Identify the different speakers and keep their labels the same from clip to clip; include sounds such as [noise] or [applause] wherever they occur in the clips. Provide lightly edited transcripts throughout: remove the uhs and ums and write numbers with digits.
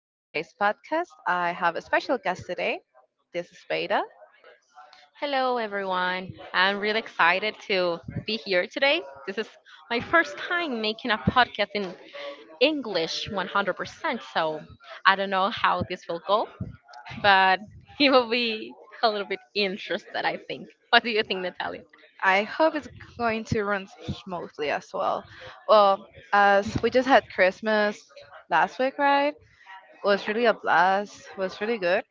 Speaker 1: to today's podcast. I have a special guest today. This is Beta.
Speaker 2: Hello, everyone. I'm really excited to be here today. This is my first time making a podcast in English 100%, so I don't know how this will go, but [laughs] it will be a little bit interested, I think. What do you think, Natalia?
Speaker 1: I hope it's going to run smoothly as well. Well, as we
Speaker 2: Yeah.
Speaker 1: just had Christmas last week, right? It was really a blast. It was really good.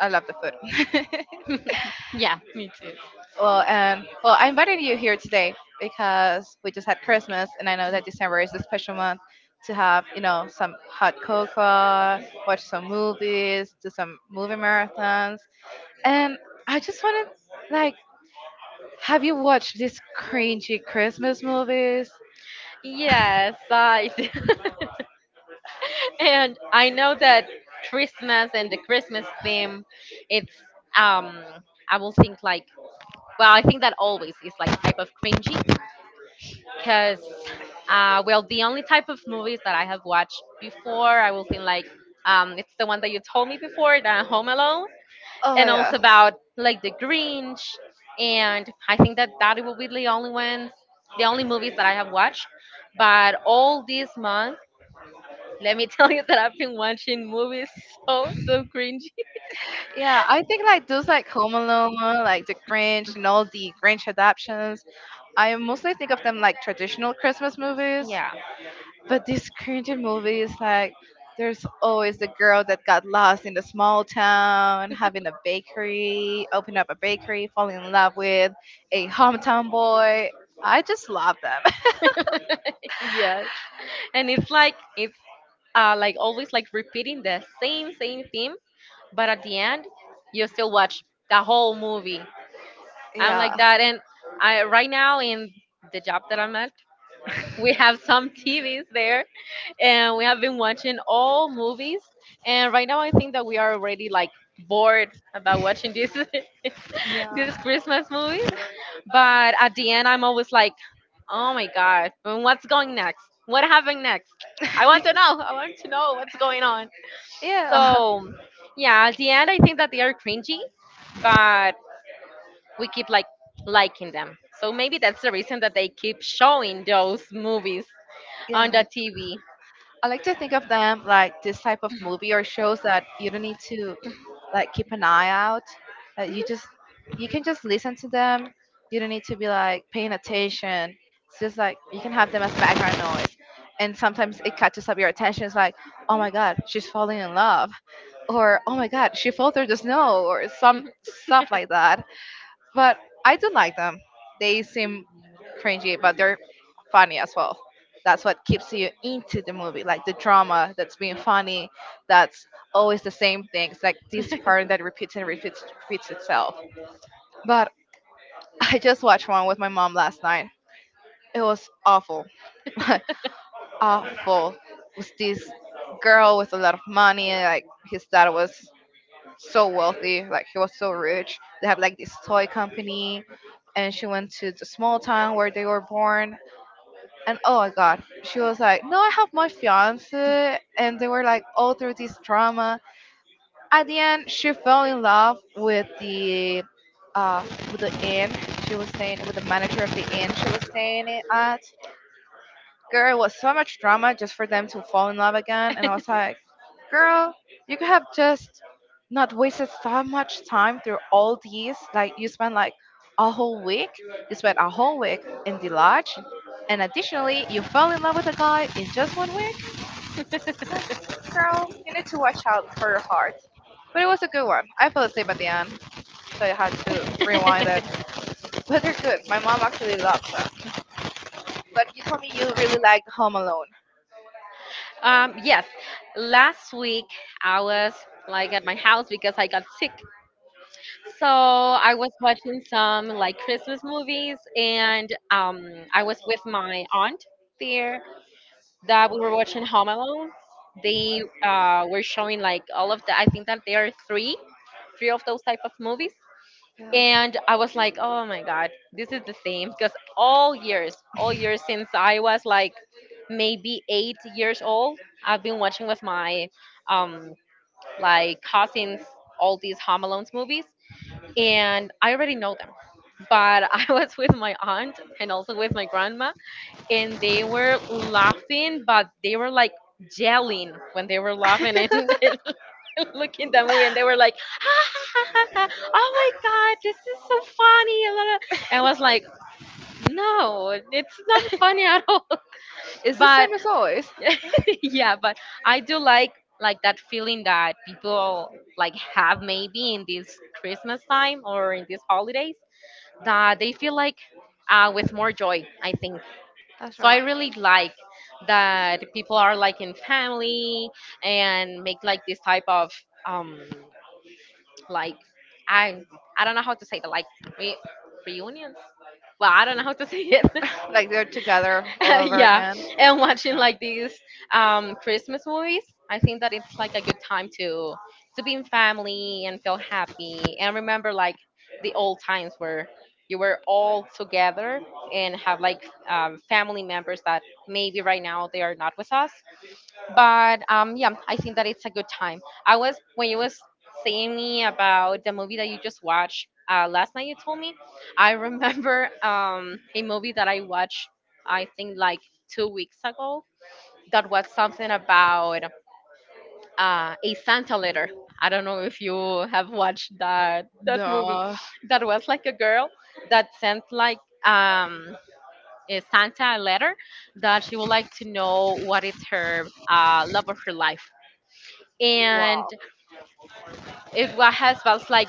Speaker 1: I love the food. [laughs]
Speaker 2: [laughs] Yeah, me too.
Speaker 1: Well, and well, I invited you here today because we just had Christmas, and I know that December is a special month to have, some hot cocoa, watch some movies, do some movie marathons, and I just wanted, like, have you watched these cringy Christmas movies?
Speaker 2: Yes, I do. [laughs] And I know that Christmas and the Christmas theme, it's um, I will think like, well, I think that always is like type of cringy, cause well, the only type of movies that I have watched before, I will think like, it's the one that you told me before, the Home Alone,
Speaker 1: Oh
Speaker 2: and
Speaker 1: yeah.
Speaker 2: also about like the Grinch, and I think that that will be the only ones, the only movies that I have watched. But all these months. Let me [laughs] tell you that I've been watching movies so cringy.
Speaker 1: Yeah, I think like those like Home Alone, like The Grinch, and all the Grinch adaptations. I mostly think of them like traditional Christmas movies.
Speaker 2: Yeah. [laughs]
Speaker 1: But these cringy movies, like, there's always the girl that got lost in the small town, having a bakery, open up a bakery, falling in love with a hometown boy. I just love them. [laughs]
Speaker 2: Yes. And it's like always like repeating the same theme, but at the end you still watch the whole movie. I'm
Speaker 1: Yeah.
Speaker 2: like that, and I right now in the job that I'm at, we have some [laughs] TVs there, and we have been watching all movies, and right now I think that we are already like bored about watching this [laughs] these
Speaker 1: Yeah.
Speaker 2: Christmas movies. But at the end, I'm always like, oh my God, and what's going next? What happened next?
Speaker 1: Yeah.
Speaker 2: I want to know. I want to
Speaker 1: [laughs]
Speaker 2: know what's going on. So, yeah, at the end, I think that they are cringy, but we keep like liking them. So maybe that's the reason that they keep showing those movies on
Speaker 1: Yeah.
Speaker 2: the TV.
Speaker 1: I like to think of them like this type of movie or shows that you don't need to like keep an eye out. Like you just you can just listen to them. You don't need to be like paying attention. It's just like you can have them as background noise. And sometimes it catches up your attention. It's like, oh my god, she's falling in love, or oh my god, she fell through the snow, or some stuff like that, but I do like them. They seem cringy, but they're funny as well. That's what keeps you into the movie, like the drama that's being funny, that's always the same thing. It's like this pattern that repeats and repeats, repeats itself. But [laughs] I just watched one with my mom last night. It was awful, [laughs] awful. It was this girl with a lot of money, like his dad was so wealthy, like he was so rich. They have like this toy company, and she went to the small town where they were born. And oh my god, she was like, "No, I have my fiance," and they were like all through this drama. At the end, she fell in love uh with the inn she was staying with the manager of the inn she was staying at. Girl, it was so much drama just for them to fall in love again. And I was like, girl, you could have just not wasted so much time through all these. Like, you spent like a whole week, you spent a whole week in the lodge. And additionally, you fell in love with a guy in just one week.
Speaker 2: Mhm. [laughs]
Speaker 1: Like, girl, you need to watch out for your heart. But it was a good one. I fell asleep at the end, so I had to rewind it. [laughs]
Speaker 2: [laughs]
Speaker 1: But they're good. My mom actually loves them. But you told me you really liked Home Alone.
Speaker 2: Um, yes, last week I was like at my house because I got sick. So I was watching some like Christmas movies, and I was with my aunt there that we were watching Home Alone. They were showing like all of the. I think that there are three of those type of movies. And I was like, oh my god,
Speaker 1: Yeah.
Speaker 2: this is the same, because all years since I was like maybe 8 years old, I've been watching with my um like cousins all these Home Alone's movies, and I already know them. But [laughs] I was with my aunt and also with my grandma, and they were laughing, but they were like yelling when they were laughing [laughs] and looking that movie, and they were like, [laughs] "Oh my god, this is so funny!" And I was like, "No, it's not funny at all."
Speaker 1: It's
Speaker 2: [laughs]
Speaker 1: the
Speaker 2: But
Speaker 1: same as always.
Speaker 2: [laughs] yeah, but I do like that feeling that people like have maybe in this Christmas time or in these holidays, that they feel like with more joy, I think.
Speaker 1: That's
Speaker 2: So I
Speaker 1: right.
Speaker 2: really like that people are like in family and make like this type of um like I I don't know how to say the, like, re- reunions. Well, I don't know how to say it. [laughs]
Speaker 1: [laughs] Like they're together
Speaker 2: [laughs]
Speaker 1: all over
Speaker 2: Yeah,
Speaker 1: again.
Speaker 2: and watching
Speaker 1: So,
Speaker 2: like these Christmas movies, I think that it's like a good time to be in family and feel happy and remember like the old times where you were all together, and have like family members that maybe right now they are not with us, but yeah, I think that it's a good time. I was, when you was saying me about the movie that you just watched last night. You told me. I remember [laughs] a movie that I watched. I think like 2 weeks ago. That was something about a Santa letter. I don't know if you have watched that movie.
Speaker 1: duh.
Speaker 2: That was like a girl that sent like a Santa a letter, that she would like to know what is her love of her life, and
Speaker 1: Wow.
Speaker 2: it wa- has was like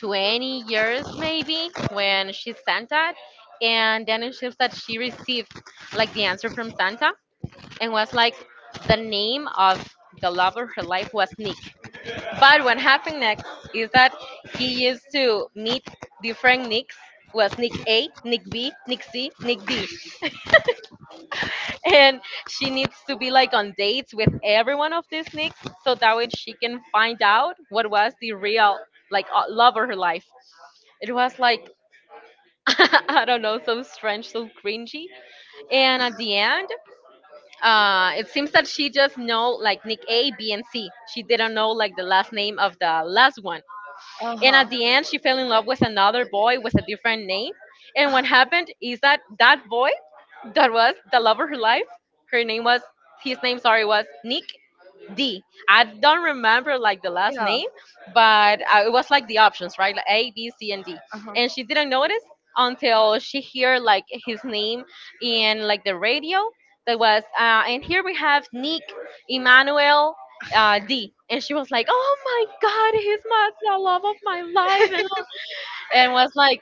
Speaker 2: 20 years maybe when she sent that, and then it shows that she received like the answer from Santa, and was like the name of the love of her life was Nick. But what happened next is that he used to meet different Nicks. Was Nick A, Nick B, Nick C, Nick D, and she needs to be like on dates with every one of these Nicks, so that way she can find out what was the real like love of her life. It was like, [laughs] I don't know, so strange, so cringy. And at the end, it seems that she just know like Nick A, B, and C. She didn't know like the last name of the last one.
Speaker 1: Uh
Speaker 2: And
Speaker 1: huh.
Speaker 2: at the end, she fell in love with another boy with a different name. And what happened is that that boy, that was the love of her life, her name was, his name, sorry, was Nick. D. I don't remember like the last
Speaker 1: Yeah.
Speaker 2: name, but it was like the options, right? Like A, B, C, and D.
Speaker 1: Uh huh.
Speaker 2: And she didn't notice until she hear like his name in like the radio. That was, and here we have Nick Emmanuel D. And she was like, "Oh my God, he's my the love of my life," and was like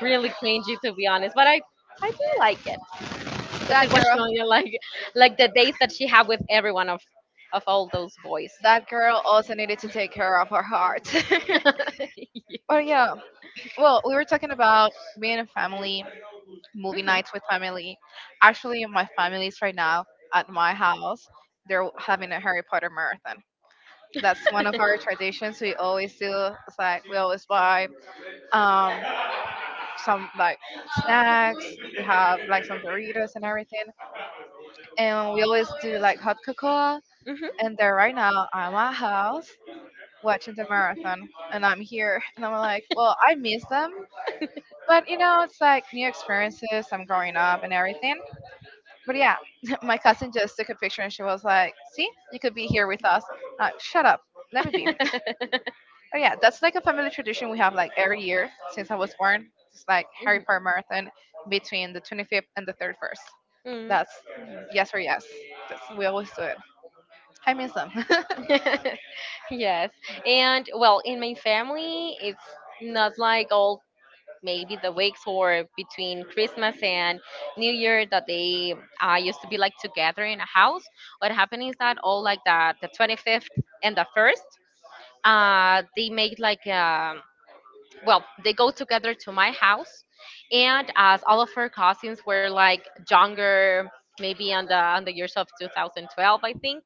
Speaker 2: really cringy, to be honest, but I do like, because
Speaker 1: That
Speaker 2: it was
Speaker 1: girl.
Speaker 2: showing you like the dates that she had with every one of all those boys.
Speaker 1: That girl also needed to take care of her heart. [laughs] But yeah. Well, we were talking about being a family, movie
Speaker 2: Mhm.
Speaker 1: nights with family. Actually, my family is right now at my house, they're having a Harry Potter marathon. That's one of our traditions. We always do. It's like we always buy um, some like snacks. We have like some Doritos and everything, and we always do like hot cocoa.
Speaker 2: Mhm.
Speaker 1: And there right now, I'm at house watching the marathon, and I'm here, and I'm like, well, I miss them, but you know, it's like new experiences. I'm growing up and everything. But yeah, [laughs] my cousin just took a picture and she was like, "See, you could be here with us." Like, shut up, let me be. [laughs] Oh
Speaker 2: [laughs]
Speaker 1: yeah, that's like a family tradition we have like every year since I was born. It's like Harry Potter marathon between the 25th and the 31st.
Speaker 2: Mm.
Speaker 1: That's yes or yes. That's, we always do it. I miss them. [laughs]
Speaker 2: [laughs] Yes. And well, in my family, it's not like all maybe the weeks or between Christmas and New Year that they used to be like together in a house. What happened is that all like the 25th and the 1st, they make like well, they go together to my house, and as all of her cousins were like younger, maybe on the years of 2012, I think.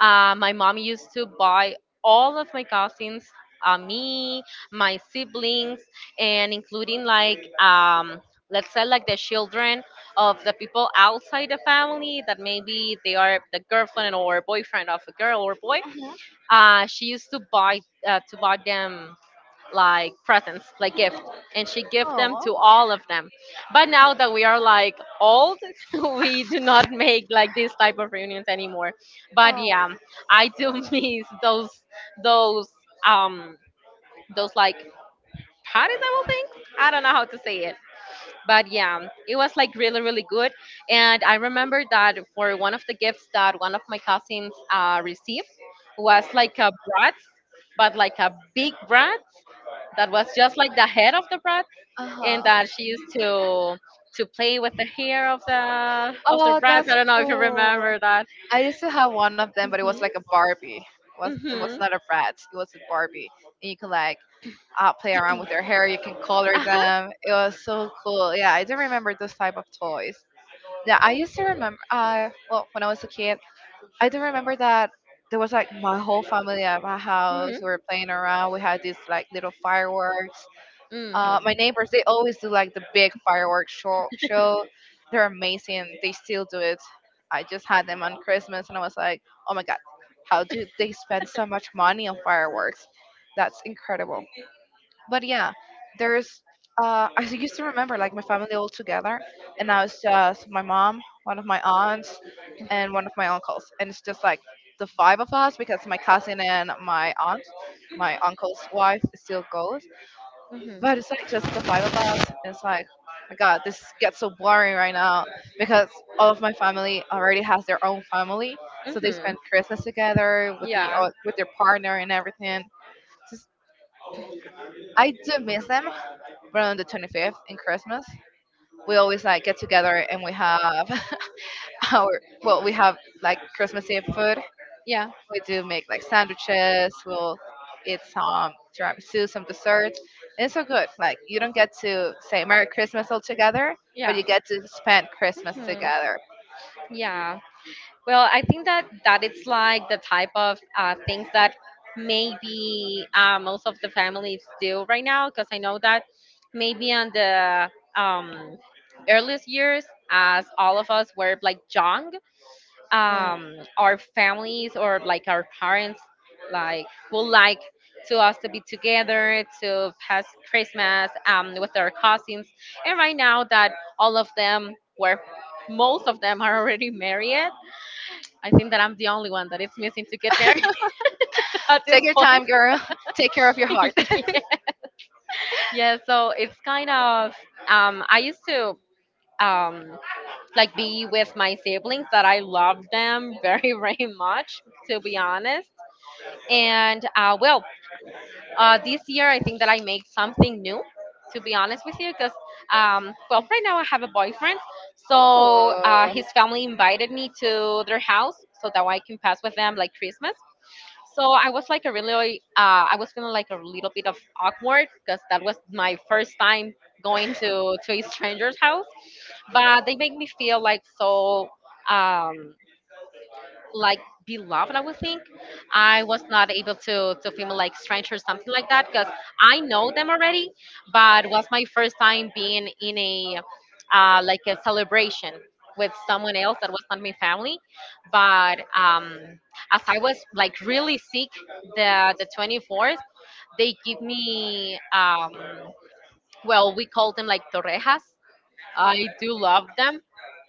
Speaker 2: My mom used to buy all of my cousins, me, my siblings, and including like let's say like the children of the people outside the family, that maybe they are the girlfriend or boyfriend of a girl or boy.
Speaker 1: Mhm.
Speaker 2: She used to buy them like presents, like gift, and she give them
Speaker 1: Oh,
Speaker 2: to all of them. But now that we are like old, [laughs] we do not make like this type of reunions anymore. But
Speaker 1: oh,
Speaker 2: yeah, I do [laughs] miss those um those like parties. I will think, I don't know how to say it. But yeah, it was like really, really good. And I remember that for one of the gifts that one of my cousins received, was like a brat, but like a big brat, that was just like the head of the brat,
Speaker 1: uh
Speaker 2: and
Speaker 1: huh.
Speaker 2: that she used to play with the hair of the
Speaker 1: [laughs]
Speaker 2: of the
Speaker 1: Oh,
Speaker 2: brats.
Speaker 1: that's
Speaker 2: I don't know if you
Speaker 1: cool.
Speaker 2: remember that.
Speaker 1: I used to have one of them, but it was
Speaker 2: Mhm.
Speaker 1: like a Barbie. It was
Speaker 2: Mhm.
Speaker 1: not a brat. It was a Barbie, and you could like play around with their hair. You can color
Speaker 2: Uh huh.
Speaker 1: them. It was so cool. Yeah, I do remember those type of toys. Yeah, I used to remember. Well, when I was a kid, I do remember that there was like my whole family at my
Speaker 2: Mhm.
Speaker 1: house. We were playing around. We had these like little fireworks.
Speaker 2: Mhm.
Speaker 1: My neighbors they always do like the big fireworks show. They're amazing. They still do it. I just had them on Christmas, and I was like, oh my god, how do they spend so much money on fireworks? That's incredible, but yeah, there's I [laughs] used to remember like my family all together, and now it's just my mom, one of my aunts, and one of my uncles, and it's just like the five of us because my cousin and my aunt, my uncle's wife still goes,
Speaker 2: Mhm.
Speaker 1: but it's like just the five of us. And it's like, my God, this gets so boring right now because all of my family already has their own family, so they
Speaker 2: Mhm.
Speaker 1: spend
Speaker 2: [laughs]
Speaker 1: Christmas together with the
Speaker 2: Yeah.
Speaker 1: with their partner and everything. Just I do miss them, but on the 25th in Christmas, we always like get together and we have [laughs] our, well, we have like Christmas Eve food.
Speaker 2: Yeah.
Speaker 1: We do make like sandwiches. We'll eat some tiramisu, some dessert. And it's so good. Like you don't get to say Merry Christmas all together, but
Speaker 2: Yeah.
Speaker 1: you get to spend Christmas
Speaker 2: Hmm.
Speaker 1: together.
Speaker 2: Yeah. Well, I think that that it's like the type of things that maybe most of the families do right now, because I know that maybe on the um, earliest years, as all of us were like young,
Speaker 1: Yeah.
Speaker 2: our families or like our parents like would like to us to be together to pass Christmas with our cousins, and right now that all of them were, most of them are already married. I think that I'm the only one that is missing to get married [laughs] at this
Speaker 1: Take your
Speaker 2: point.
Speaker 1: time, girl. [laughs] Take care of your heart.
Speaker 2: [laughs] Yeah, so it's kind of I used to um, like be with my siblings that I love them very [laughs] very much, to be honest. And well, this year I think that I made something new, to be honest with you, because well, right now I have a boyfriend,
Speaker 1: [laughs]
Speaker 2: so
Speaker 1: Oh,
Speaker 2: his family invited me to their house so that I can pass with them like Christmas. So I was like a really, I was feeling like a little bit of awkward, because that was my first time going to a stranger's house, but they make me feel like so. Um, like beloved, I would think. I was not able to film like strangers, something like that, because I know them already, but it was my first time being in a like a celebration with someone else that was not my family. But as I was like really sick the 24th, they give me, well, we call them like torrejas. I do love them.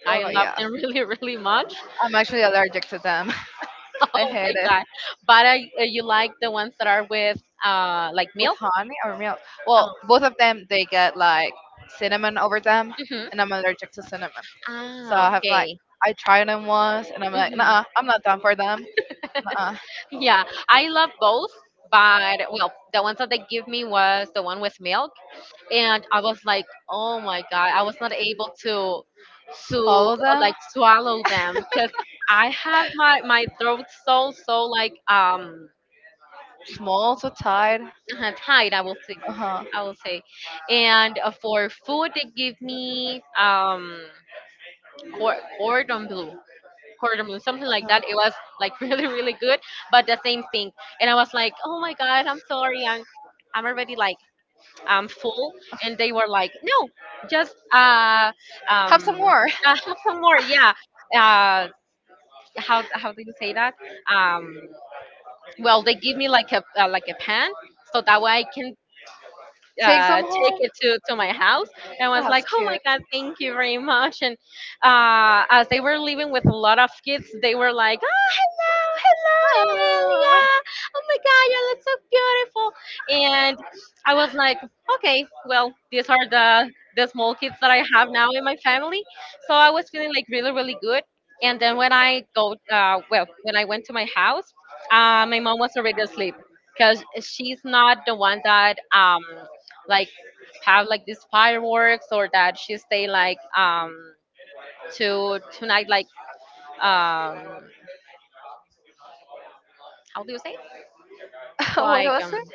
Speaker 2: I
Speaker 1: oh
Speaker 2: love
Speaker 1: yeah.
Speaker 2: them [laughs] really, really much.
Speaker 1: I'm actually allergic to them.
Speaker 2: [laughs]
Speaker 1: [laughs] I
Speaker 2: Oh my
Speaker 1: hate it.
Speaker 2: god! But you like the ones that are with like
Speaker 1: With
Speaker 2: milk?
Speaker 1: honey or milk. Well,
Speaker 2: Oh.
Speaker 1: both of them they get like cinnamon over them,
Speaker 2: Hmm.
Speaker 1: and I'm allergic to cinnamon. So
Speaker 2: Ah,
Speaker 1: I have like
Speaker 2: okay.
Speaker 1: I tried them once, and I'm like,
Speaker 2: hmm
Speaker 1: nah, I'm not done for them. Uh,
Speaker 2: Yeah, I love both, but well, the ones that they give me was the one with milk, and I was like, oh my god, I was not able to to
Speaker 1: swallow
Speaker 2: uh,
Speaker 1: them,
Speaker 2: like swallow them because I have my throat so so like
Speaker 1: small to tight.
Speaker 2: [laughs] tight.
Speaker 1: Uh huh.
Speaker 2: I will say, and for food they give me cordon bleu cordon bleu, something like that. It was like [laughs] really really good, but the same thing. And I was like, oh my god, I'm sorry, I'm already like, I'm full. And they were like, no, just um
Speaker 1: Have some
Speaker 2: uh,
Speaker 1: more.
Speaker 2: [laughs] have some more, yeah. uh how do you say that? um well, they give me like a like a pan so that way I can
Speaker 1: [laughs] Take some
Speaker 2: take
Speaker 1: home.
Speaker 2: it to my house. And I was
Speaker 1: That's
Speaker 2: like, oh my
Speaker 1: cute.
Speaker 2: God, thank you very much. And as they were leaving with a lot of kids, they were like, oh, hello, hello,
Speaker 1: Uh,
Speaker 2: Aurelia. Oh my God, you look so beautiful. And I was like, okay, well, these are the small kids that I have now in my family. So I was feeling like really, really good. And then when I when I went to my house, my mom was already asleep because she's not the one that like, have like these fireworks, or that she stay like to tonight like um how do you say,
Speaker 1: [laughs] what
Speaker 2: like
Speaker 1: was it?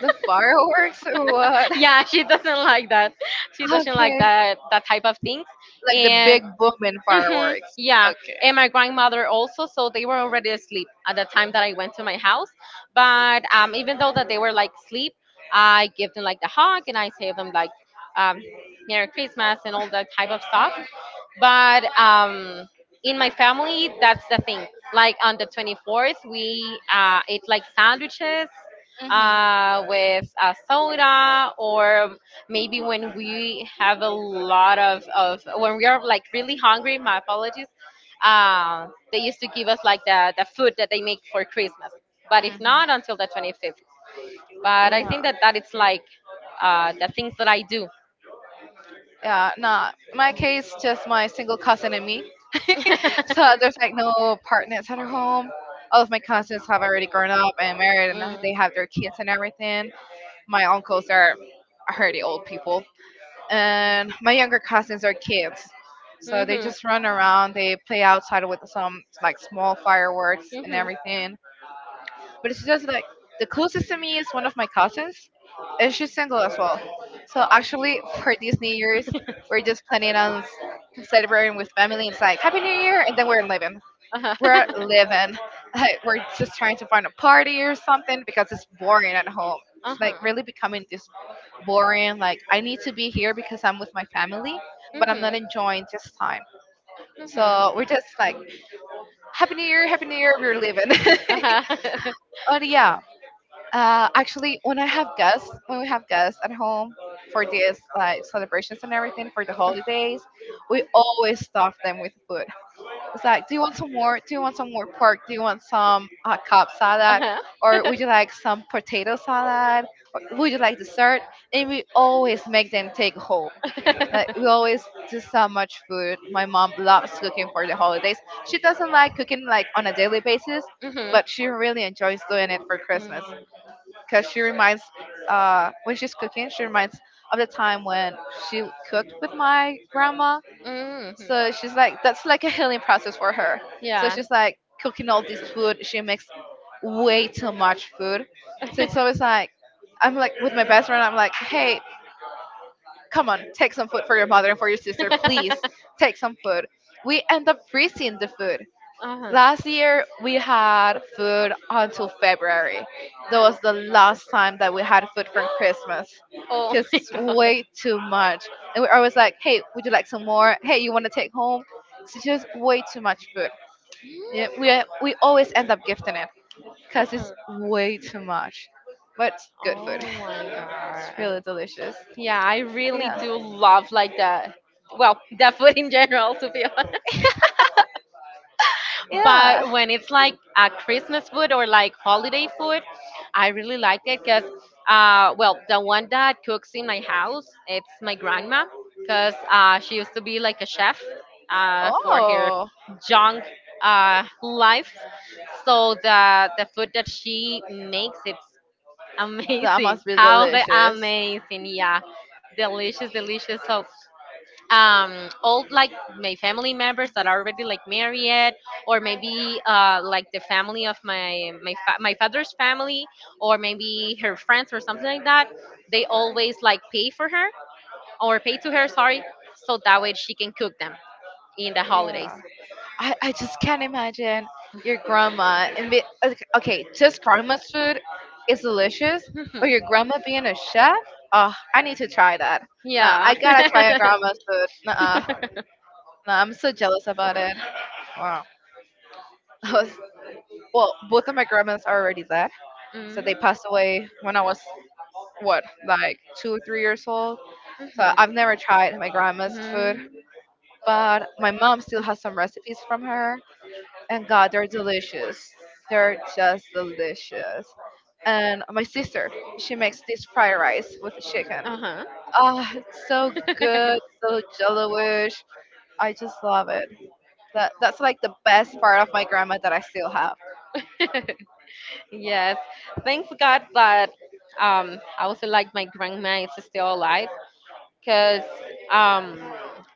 Speaker 1: The fireworks or what?
Speaker 2: [laughs]
Speaker 1: Okay.
Speaker 2: yeah, she doesn't like that. She doesn't like
Speaker 1: Like
Speaker 2: that type of things.
Speaker 1: the
Speaker 2: And
Speaker 1: big booming fireworks.
Speaker 2: yeah,
Speaker 1: Okay.
Speaker 2: and my grandmother also. So they were already asleep at the time that I went to my house. But even though that they were like asleep, I give them like the hug and I say them like um, Merry Christmas and all that type of stuff. But in my family, that's the thing. Like on the 24th, we ate like sandwiches
Speaker 1: Mhm.
Speaker 2: with soda, or maybe when we have a lot of when we are like really hungry, my apologies, they used to give us like the food that they make for Christmas, but if not until the 25th. But I
Speaker 1: Mhm.
Speaker 2: think that it's like the things that I do.
Speaker 1: Yeah, nah. My case, just my single cousin and me. So
Speaker 2: [laughs]
Speaker 1: there's like no partners at our home. All of my cousins have already grown up and married, and
Speaker 2: Mm.
Speaker 1: they have their kids and everything. My uncles are already old people, and my younger cousins are kids. So they
Speaker 2: Mhm.
Speaker 1: just run around. They play outside with some like small fireworks and
Speaker 2: Mhm.
Speaker 1: everything. But it's just like the closest to me is one of my cousins, and she's single as well. So actually, [laughs] for these New Year's, we're just planning on celebrating with family. It's like Happy New Year, and then we're living.
Speaker 2: Uh-huh.
Speaker 1: We're
Speaker 2: [laughs]
Speaker 1: living. [laughs] Like we're just trying to find a party or something because it's boring at home. It's like
Speaker 2: Uh-huh.
Speaker 1: really becoming this boring. Like I need to be here because I'm with my family, but I'm not
Speaker 2: Mhm.
Speaker 1: enjoying this time.
Speaker 2: Mhm.
Speaker 1: So we're just like Happy New Year, Happy New Year. We're living. [laughs]
Speaker 2: Uh-huh. [laughs]
Speaker 1: But yeah, actually, when I have guests, when we have guests at home for these like celebrations and everything for the holidays, we always stuff them with food. It's like, do you want some more? Do you want some more pork? Do you want some cob salad?
Speaker 2: Uh-huh.
Speaker 1: Or would you
Speaker 2: [laughs]
Speaker 1: like some potato salad? Or
Speaker 2: [laughs]
Speaker 1: would you like
Speaker 2: Mhm.
Speaker 1: dessert? And we always make them take home. Like we always do so much food. My mom loves cooking for the holidays. She doesn't like cooking like on a daily basis, but she really enjoys doing it for Christmas because she reminds when she's cooking she reminds of the time when she cooked with my grandma,
Speaker 2: Mm. Mhm.
Speaker 1: so she's like that's like a healing process for her. So
Speaker 2: Yeah. [laughs]
Speaker 1: she's like cooking all this food, she makes way too much food. So it's always like I'm like with my best friend, I'm like, hey, come on, take some food for your mother and for your sister, please take some food. We end up freezing the food. Last year we had food until February. That was the last time that we had food from Christmas.
Speaker 2: Uh-huh. Oh
Speaker 1: Cause
Speaker 2: my
Speaker 1: it's
Speaker 2: god.
Speaker 1: way
Speaker 2: [laughs]
Speaker 1: too much. And we're always like, hey, would you like some more? Hey, you wanna take home? It's just way too much food. Yeah, we always end up gifting it because it's
Speaker 2: Uh-huh.
Speaker 1: way too much. But it's good food.
Speaker 2: Oh my
Speaker 1: It's really
Speaker 2: god.
Speaker 1: delicious.
Speaker 2: Yeah, I
Speaker 1: And
Speaker 2: really
Speaker 1: yeah.
Speaker 2: do love like the [laughs] the food in general, to be honest. [laughs]
Speaker 1: Yeah.
Speaker 2: But when it's like a Christmas food or like holiday food, I really like it because the one that cooks in my house, it's my grandma, because she used to be like a chef for her
Speaker 1: Oh,
Speaker 2: young life. So the food that she makes, it's
Speaker 1: that
Speaker 2: amazing.
Speaker 1: must be
Speaker 2: [laughs] How the
Speaker 1: delicious.
Speaker 2: amazing, yeah. Delicious, delicious. So all like my family members that are already like married, or maybe like the family of my father's family, or maybe her friends or something like that, they always like pay for her, or pay to her, sorry, so that way she can cook them in the holidays.
Speaker 1: Yeah. I just can't imagine your grandma and be okay. Okay, just grandma's food is delicious, but your
Speaker 2: Mhm.
Speaker 1: grandma being a chef. Oh, I need to try that. Nah,
Speaker 2: Yeah.
Speaker 1: I gotta try your grandma's
Speaker 2: [laughs]
Speaker 1: food. Nah, nah, I'm so jealous about it. Wow. [laughs] I was- well, both of my grandmas are already dead, so
Speaker 2: Mhm.
Speaker 1: they passed away when I was what, like 2 or 3 years old. So I've never tried my grandma's food.
Speaker 2: Mhm.
Speaker 1: But my mom still has some recipes from her, and god, they're delicious. They're just delicious. And my sister, she makes this fried rice with chicken.
Speaker 2: Mhm.
Speaker 1: It's so good, so jello-ish. I just love it. That's like the best part of my grandma that I still have.
Speaker 2: [laughs] Yes. Thanks God that I would say like my grandma is still alive, because um,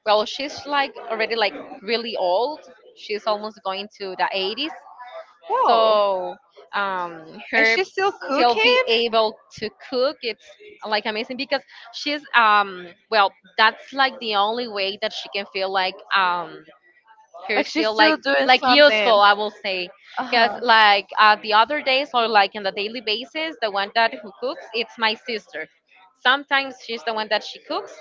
Speaker 2: well, she's like already like really old. She's almost going to the 80s.
Speaker 1: Whoa.
Speaker 2: So
Speaker 1: And
Speaker 2: her
Speaker 1: she's still
Speaker 2: still be
Speaker 1: cooking?
Speaker 2: able to cook, it's like amazing because she's well that's like the only way that she can feel like they're
Speaker 1: Like she's
Speaker 2: still like
Speaker 1: still doing
Speaker 2: like
Speaker 1: something.
Speaker 2: useful, I will say, because
Speaker 1: Uh-huh.
Speaker 2: like the other days or like in the daily basis, the one that who cooks, it's my sister. Sometimes she's the one that she cooks.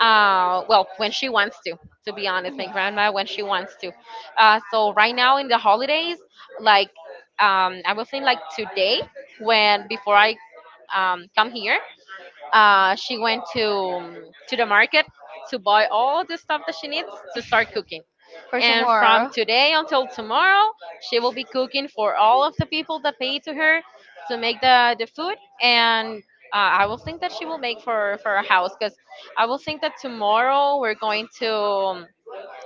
Speaker 2: Well, when she wants to be honest, my
Speaker 1: Mhm,
Speaker 2: grandma when she wants to. So right now in the holidays, like I was saying, like today when before I come here, she went to the market to buy all the stuff that she needs to start cooking.
Speaker 1: for
Speaker 2: And from
Speaker 1: tomorrow.
Speaker 2: today until tomorrow, she will be cooking for all of the people that pay to her to make the food. And I will think that she will make for our house, because I will think that tomorrow we're going to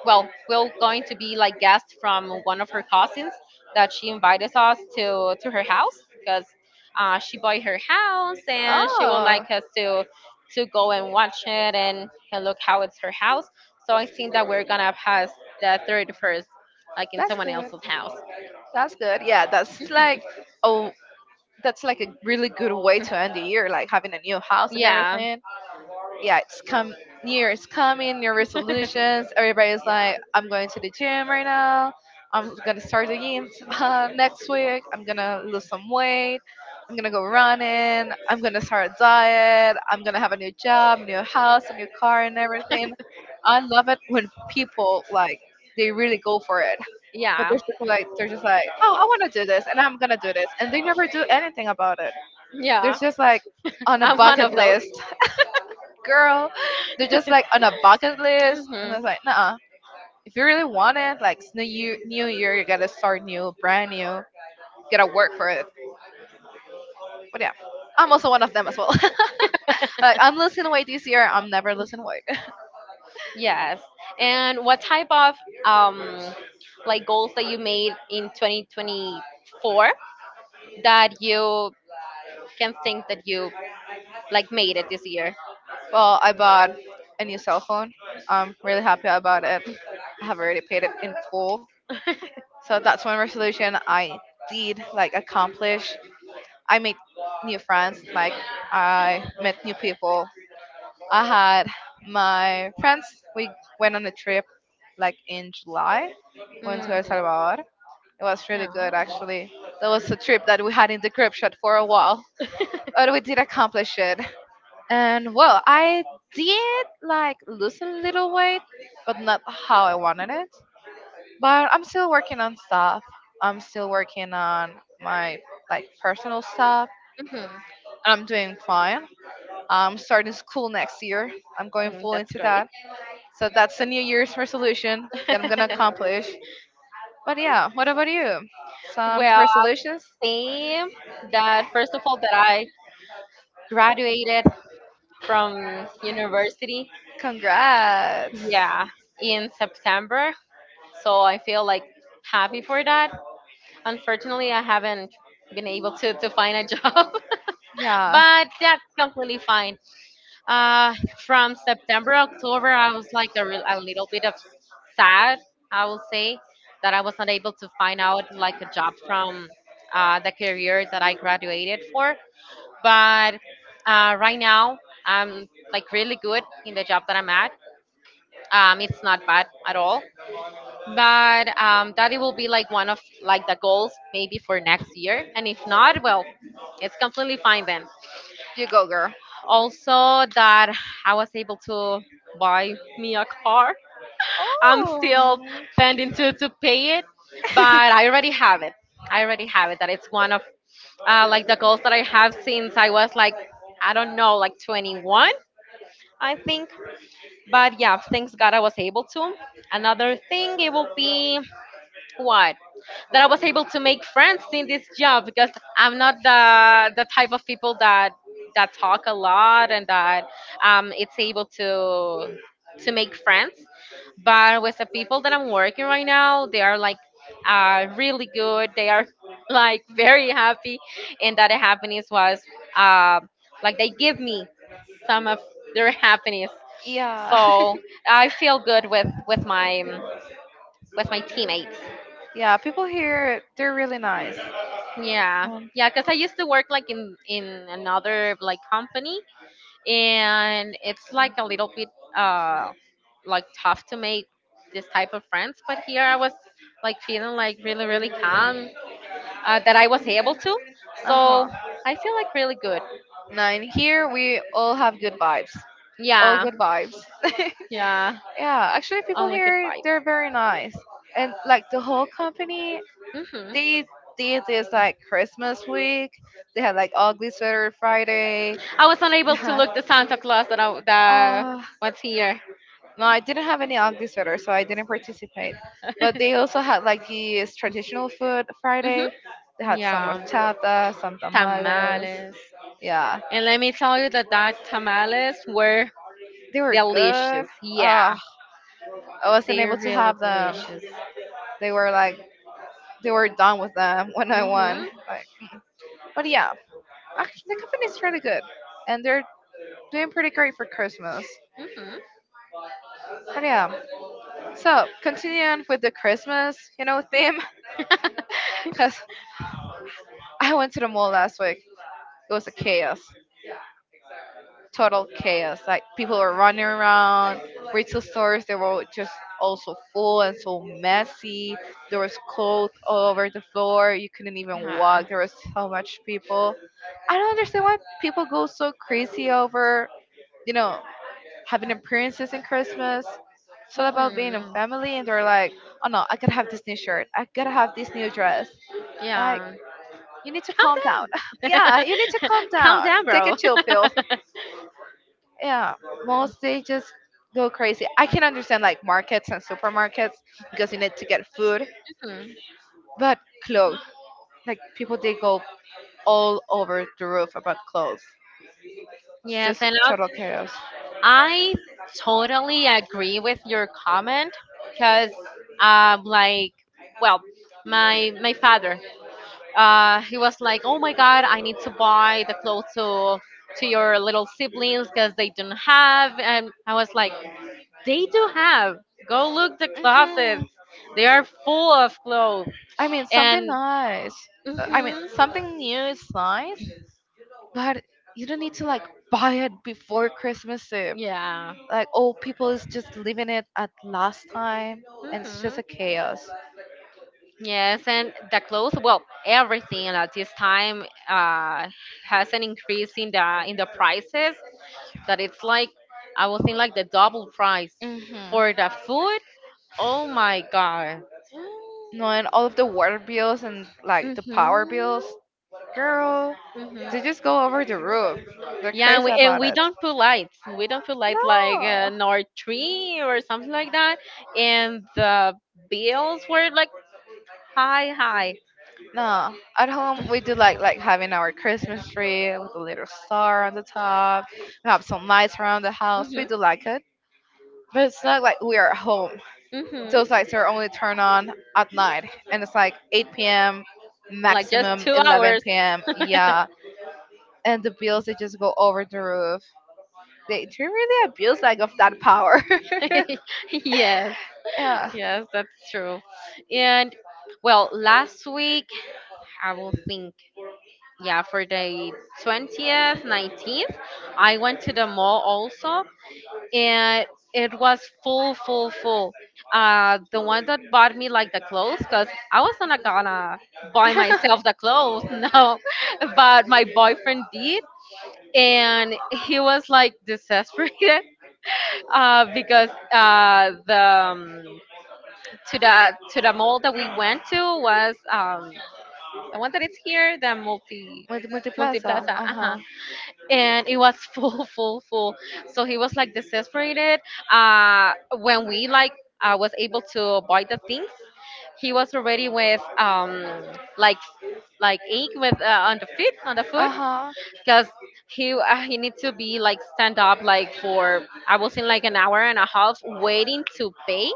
Speaker 2: well, we're going to be like guests from one of her cousins that she invited us to her house because she bought her house and she would like
Speaker 1: Oh,
Speaker 2: us to go and watch it and look how it's her house. So I think that we're gonna pass the 31st like in
Speaker 1: that's
Speaker 2: someone
Speaker 1: good.
Speaker 2: else's house.
Speaker 1: That's good. Yeah, that's like, oh, that's like a really good way to end the year, like having a new house and
Speaker 2: Yeah.
Speaker 1: everything. Yeah, it's come. New year is coming, new
Speaker 2: [laughs]
Speaker 1: resolutions. Everybody's like,
Speaker 2: Yeah.
Speaker 1: I'm going to the gym right now. I'm gonna start the gym, [laughs] next week. I'm gonna lose some weight. I'm gonna go running. I'm gonna start a diet. I'm gonna have a new job, new house, a new car, and everything. I love it when people like, they really go for it. But they're
Speaker 2: Yeah.
Speaker 1: just like they're just like, oh, I want to do this, and I'm gonna do this, and they never do anything about it. They're
Speaker 2: Yeah.
Speaker 1: just like
Speaker 2: [laughs]
Speaker 1: on a
Speaker 2: I'm one
Speaker 1: bucket
Speaker 2: of those.
Speaker 1: list, [laughs] girl. They're just like on a
Speaker 2: [laughs]
Speaker 1: bucket list, and
Speaker 2: Hmm.
Speaker 1: it's like, nah. If you really want it, like it's new year, you gotta start new, brand new. Gotta work for it. But yeah, I'm also one of them as well. [laughs] Like I'm losing weight this year. I'm never losing weight. [laughs]
Speaker 2: Yes. And what type of um like goals that you made in 2024 that you can think that you like made it this year? [laughs]
Speaker 1: Well, I bought a new cell phone. I'm really happy about it. I have already paid it in full. So that's one resolution I did like accomplish. I made new friends, like I met new people. I had my friends, we went on a trip like in July, went to El
Speaker 2: Mhm.
Speaker 1: Salvador. It was really good
Speaker 2: Ah.
Speaker 1: actually. That was a trip that we had in the group shot for a while, but we did accomplish it. And well, I did like lose a little weight, but not how I wanted it, but I'm still working on stuff. I'm still working on my like personal stuff.
Speaker 2: Mhm.
Speaker 1: I'm doing fine. I'm starting school next year. I'm going
Speaker 2: Mm,
Speaker 1: full
Speaker 2: that's
Speaker 1: into
Speaker 2: great.
Speaker 1: that. So that's the New Year's resolution that I'm gonna accomplish.
Speaker 2: [laughs]
Speaker 1: But yeah, what about you? Some
Speaker 2: Well,
Speaker 1: resolutions?
Speaker 2: I'll say that first of all that I graduated from university.
Speaker 1: Congrats.
Speaker 2: Yeah, in September. So I feel like happy for that. Unfortunately, I haven't been able to find a job, [laughs]
Speaker 1: Yeah,
Speaker 2: but that's completely fine. Uh, from September, October, I was like real, a little bit of sad, I will say, that I was not able to find out like a job from the career that I graduated for. But right now, I'm like really good in the job that I'm at. It's not bad at all. But that it will be like one of like the goals maybe for next year, and if not, well, it's completely fine then.
Speaker 1: you go, girl.
Speaker 2: Also that I was able to buy me a car. I'm
Speaker 1: Oh.
Speaker 2: still pending to pay it, but I
Speaker 1: [laughs]
Speaker 2: already have it. I already have it. That it's one of like the goals that I have since I was like, I don't know, like 21, I think. But yeah, thanks god I was able to. Another thing it will be what, that I was able to make friends in this job, because I'm not the type of people that that talk a lot and that it's able to make friends. But with the people that I'm working right now, they are like really good. They are [laughs] like very happy, and that happiness was uh, like they give me some of their [laughs] happiness.
Speaker 1: Yeah.
Speaker 2: So I feel good with my with my teammates.
Speaker 1: [laughs] Yeah, people here, they're really nice.
Speaker 2: Yeah,
Speaker 1: Um,
Speaker 2: yeah, because I used to work like in another like company, and it's like a little bit uh like tough to make this type of friends. But here I was like feeling like really really calm, that I was able to,
Speaker 1: Uh
Speaker 2: so
Speaker 1: huh.
Speaker 2: I feel like really good.
Speaker 1: Nine. Here we all have good vibes. All
Speaker 2: Yeah,
Speaker 1: good vibes. [laughs]
Speaker 2: yeah,
Speaker 1: Yeah, actually, people
Speaker 2: only good
Speaker 1: here
Speaker 2: vibes.
Speaker 1: they're very nice, and like the whole company,
Speaker 2: Hmm.
Speaker 1: they did this like Christmas week. They had like ugly sweater Friday.
Speaker 2: I was
Speaker 1: [laughs] They
Speaker 2: unable to
Speaker 1: had
Speaker 2: look the Santa Claus that
Speaker 1: uh
Speaker 2: was here.
Speaker 1: no, I didn't have any ugly sweater, so I didn't participate.
Speaker 2: [laughs]
Speaker 1: But they also had like this traditional food Friday.
Speaker 2: Hmm.
Speaker 1: They had some
Speaker 2: Yeah,
Speaker 1: horchata, some tamales.
Speaker 2: tamales.
Speaker 1: Yeah,
Speaker 2: And let me tell you that tamales were
Speaker 1: they were good.
Speaker 2: delicious.
Speaker 1: Uh,
Speaker 2: Yeah,
Speaker 1: I wasn't
Speaker 2: they're
Speaker 1: able to
Speaker 2: really
Speaker 1: have them.
Speaker 2: delicious.
Speaker 1: They were like, they were done with them when I won.
Speaker 2: Mhm.
Speaker 1: Like, but yeah, actually the company's really good, and they're doing pretty great for Christmas.
Speaker 2: Mhm.
Speaker 1: But yeah, so continuing with the Christmas, you know, theme,
Speaker 2: [laughs]
Speaker 1: [laughs] because I went to the mall last week. It was a chaos. Total chaos. Like people were running around, retail stores they were just also full and so messy. There was clothes all over the floor. You couldn't even
Speaker 2: Yeah.
Speaker 1: walk. There was so much people. I don't understand why people go so crazy over, you know, having appearances in Christmas. It's all about being a
Speaker 2: Mhm.
Speaker 1: family, and they're like, oh no, I gotta have this new shirt. I gotta have this new dress. Like,
Speaker 2: Yeah.
Speaker 1: you need to calm down.
Speaker 2: Calm
Speaker 1: [laughs]
Speaker 2: down.
Speaker 1: Yeah,
Speaker 2: [laughs]
Speaker 1: you need to calm
Speaker 2: Calm
Speaker 1: down.
Speaker 2: down,
Speaker 1: Take a
Speaker 2: bro. [laughs]
Speaker 1: chill pill. Yeah, most they just go crazy. I can understand like markets and supermarkets, because you need to get food,
Speaker 2: Mhm.
Speaker 1: but clothes, like people, they go all over the roof about clothes. It's
Speaker 2: Yes,
Speaker 1: just
Speaker 2: and I,
Speaker 1: total chaos.
Speaker 2: I totally agree with your comment because, like, well, my father he was like, "Oh my God, I need to buy the clothes to your little siblings because they don't have." And I was like, "They do have. Go look the
Speaker 1: Hmm.
Speaker 2: closets. They are full of clothes."
Speaker 1: I mean something
Speaker 2: And
Speaker 1: nice. I mean
Speaker 2: hmm
Speaker 1: something new is nice, but you don't need to like buy it before Christmas eve.
Speaker 2: yeah.
Speaker 1: Like oh, people is just leaving it at last time, and it's just a
Speaker 2: Hmm.
Speaker 1: chaos.
Speaker 2: Yes, and the clothes, well, everything at this time has an increase in the prices, that it's like I was in like the double price
Speaker 1: Hmm.
Speaker 2: for the food. Oh my god.
Speaker 1: No, and all of the water bills and like the power bills,
Speaker 2: Mhm.
Speaker 1: girl, they just
Speaker 2: Mhm.
Speaker 1: go over the roof. They're
Speaker 2: Yeah, and
Speaker 1: crazy about
Speaker 2: we
Speaker 1: it.
Speaker 2: don't put lights. We don't put lights like
Speaker 1: No,
Speaker 2: nor tree or something like that. And the bills were like high, high.
Speaker 1: no. At home, we do like having our Christmas tree with a little star on the top. We have some lights around the house. We
Speaker 2: Mhm.
Speaker 1: do like it, but it's not like we are at home.
Speaker 2: Mhm.
Speaker 1: Those lights are only turned on at night, and it's like 8 p.m.
Speaker 2: Like just
Speaker 1: maximum
Speaker 2: 2 hours.
Speaker 1: 11 p.m.
Speaker 2: [laughs]
Speaker 1: Yeah, and the bills they just go over the roof. They do really abuse like of that power.
Speaker 2: Yes.
Speaker 1: [laughs] Yeah.
Speaker 2: Yes, that's true. And well, last week I will think. Yeah, for the 20th, 19th, I went to the mall also, and it was full, full, full. Uh, the one that bought me like the clothes, because I was not gonna buy myself the
Speaker 1: [laughs]
Speaker 2: clothes, [laughs] no, but my boyfriend did. And he was like desperate, [laughs] because the to the to the mall that we went to was the one that is here, the
Speaker 1: With
Speaker 2: multi
Speaker 1: Multiplaza.
Speaker 2: plaza,
Speaker 1: Uh
Speaker 2: uh-huh.
Speaker 1: huh.
Speaker 2: And it was full, [laughs] full, full. So he was like desesperated, uh when we like was able to buy the things, he was already with like like ache with on the feet, on the
Speaker 1: Uh
Speaker 2: foot,
Speaker 1: huh.
Speaker 2: because he need to be like stand up like for, I was in like 1.5 hours waiting to pay,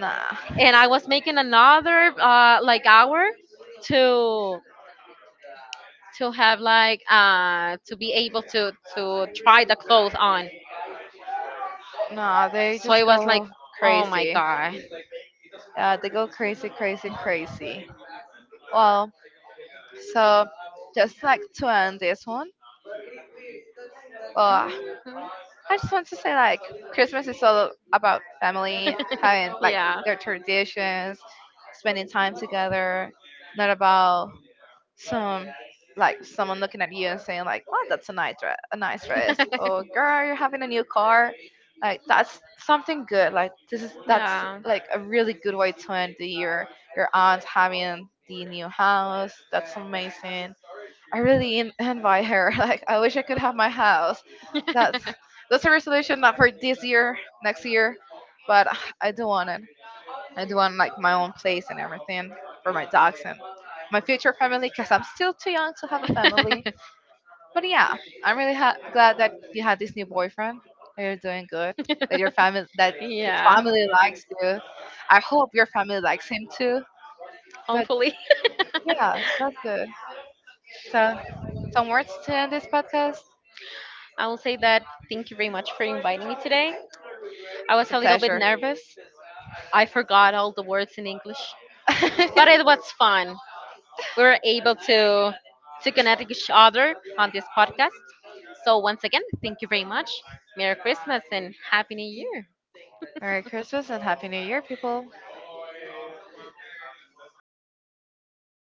Speaker 1: Nah.
Speaker 2: and I was making another like hour to to have like to be able to try the clothes on.
Speaker 1: Nah. They
Speaker 2: So I
Speaker 1: just
Speaker 2: was like,
Speaker 1: go
Speaker 2: oh my
Speaker 1: crazy.
Speaker 2: god.
Speaker 1: Yeah. They go crazy, crazy, crazy. Well, so just like to end this one. Well,
Speaker 2: Mhm.
Speaker 1: I just want to say like Christmas is all about family, having
Speaker 2: [laughs]
Speaker 1: like
Speaker 2: Yeah.
Speaker 1: their traditions, spending time together. Not about some, like someone looking at you and saying like, "Oh, that's a nice dress," or
Speaker 2: [laughs]
Speaker 1: "Girl, you're having a new car," like that's something good. Like this is, that's
Speaker 2: Yeah.
Speaker 1: like a really good way to end the year. Your aunt having the new house, that's amazing. I really envy her. [laughs] Like I wish I could have my house. That's that's a resolution not for this year, next year, but I do want it. I do want like my own place and everything for my dogs and my future family, because I'm still too young to have a family.
Speaker 2: [laughs]
Speaker 1: But yeah, I'm really glad that you had this new boyfriend. That you're doing good. That your family, that his
Speaker 2: Yeah.
Speaker 1: family likes you. I hope your family likes him too. But
Speaker 2: Hopefully. [laughs]
Speaker 1: yeah, that's good. So, some words to end this podcast.
Speaker 2: I will say that thank you very much for inviting me today. I
Speaker 1: It's
Speaker 2: was
Speaker 1: a
Speaker 2: a little bit
Speaker 1: pleasure.
Speaker 2: nervous. I forgot all the words in English, but it
Speaker 1: [laughs]
Speaker 2: was fun. We were able to connect with each other on this podcast. So once again, thank you very much. Merry Christmas and Happy New Year.
Speaker 1: Merry Christmas and Happy New Year, people.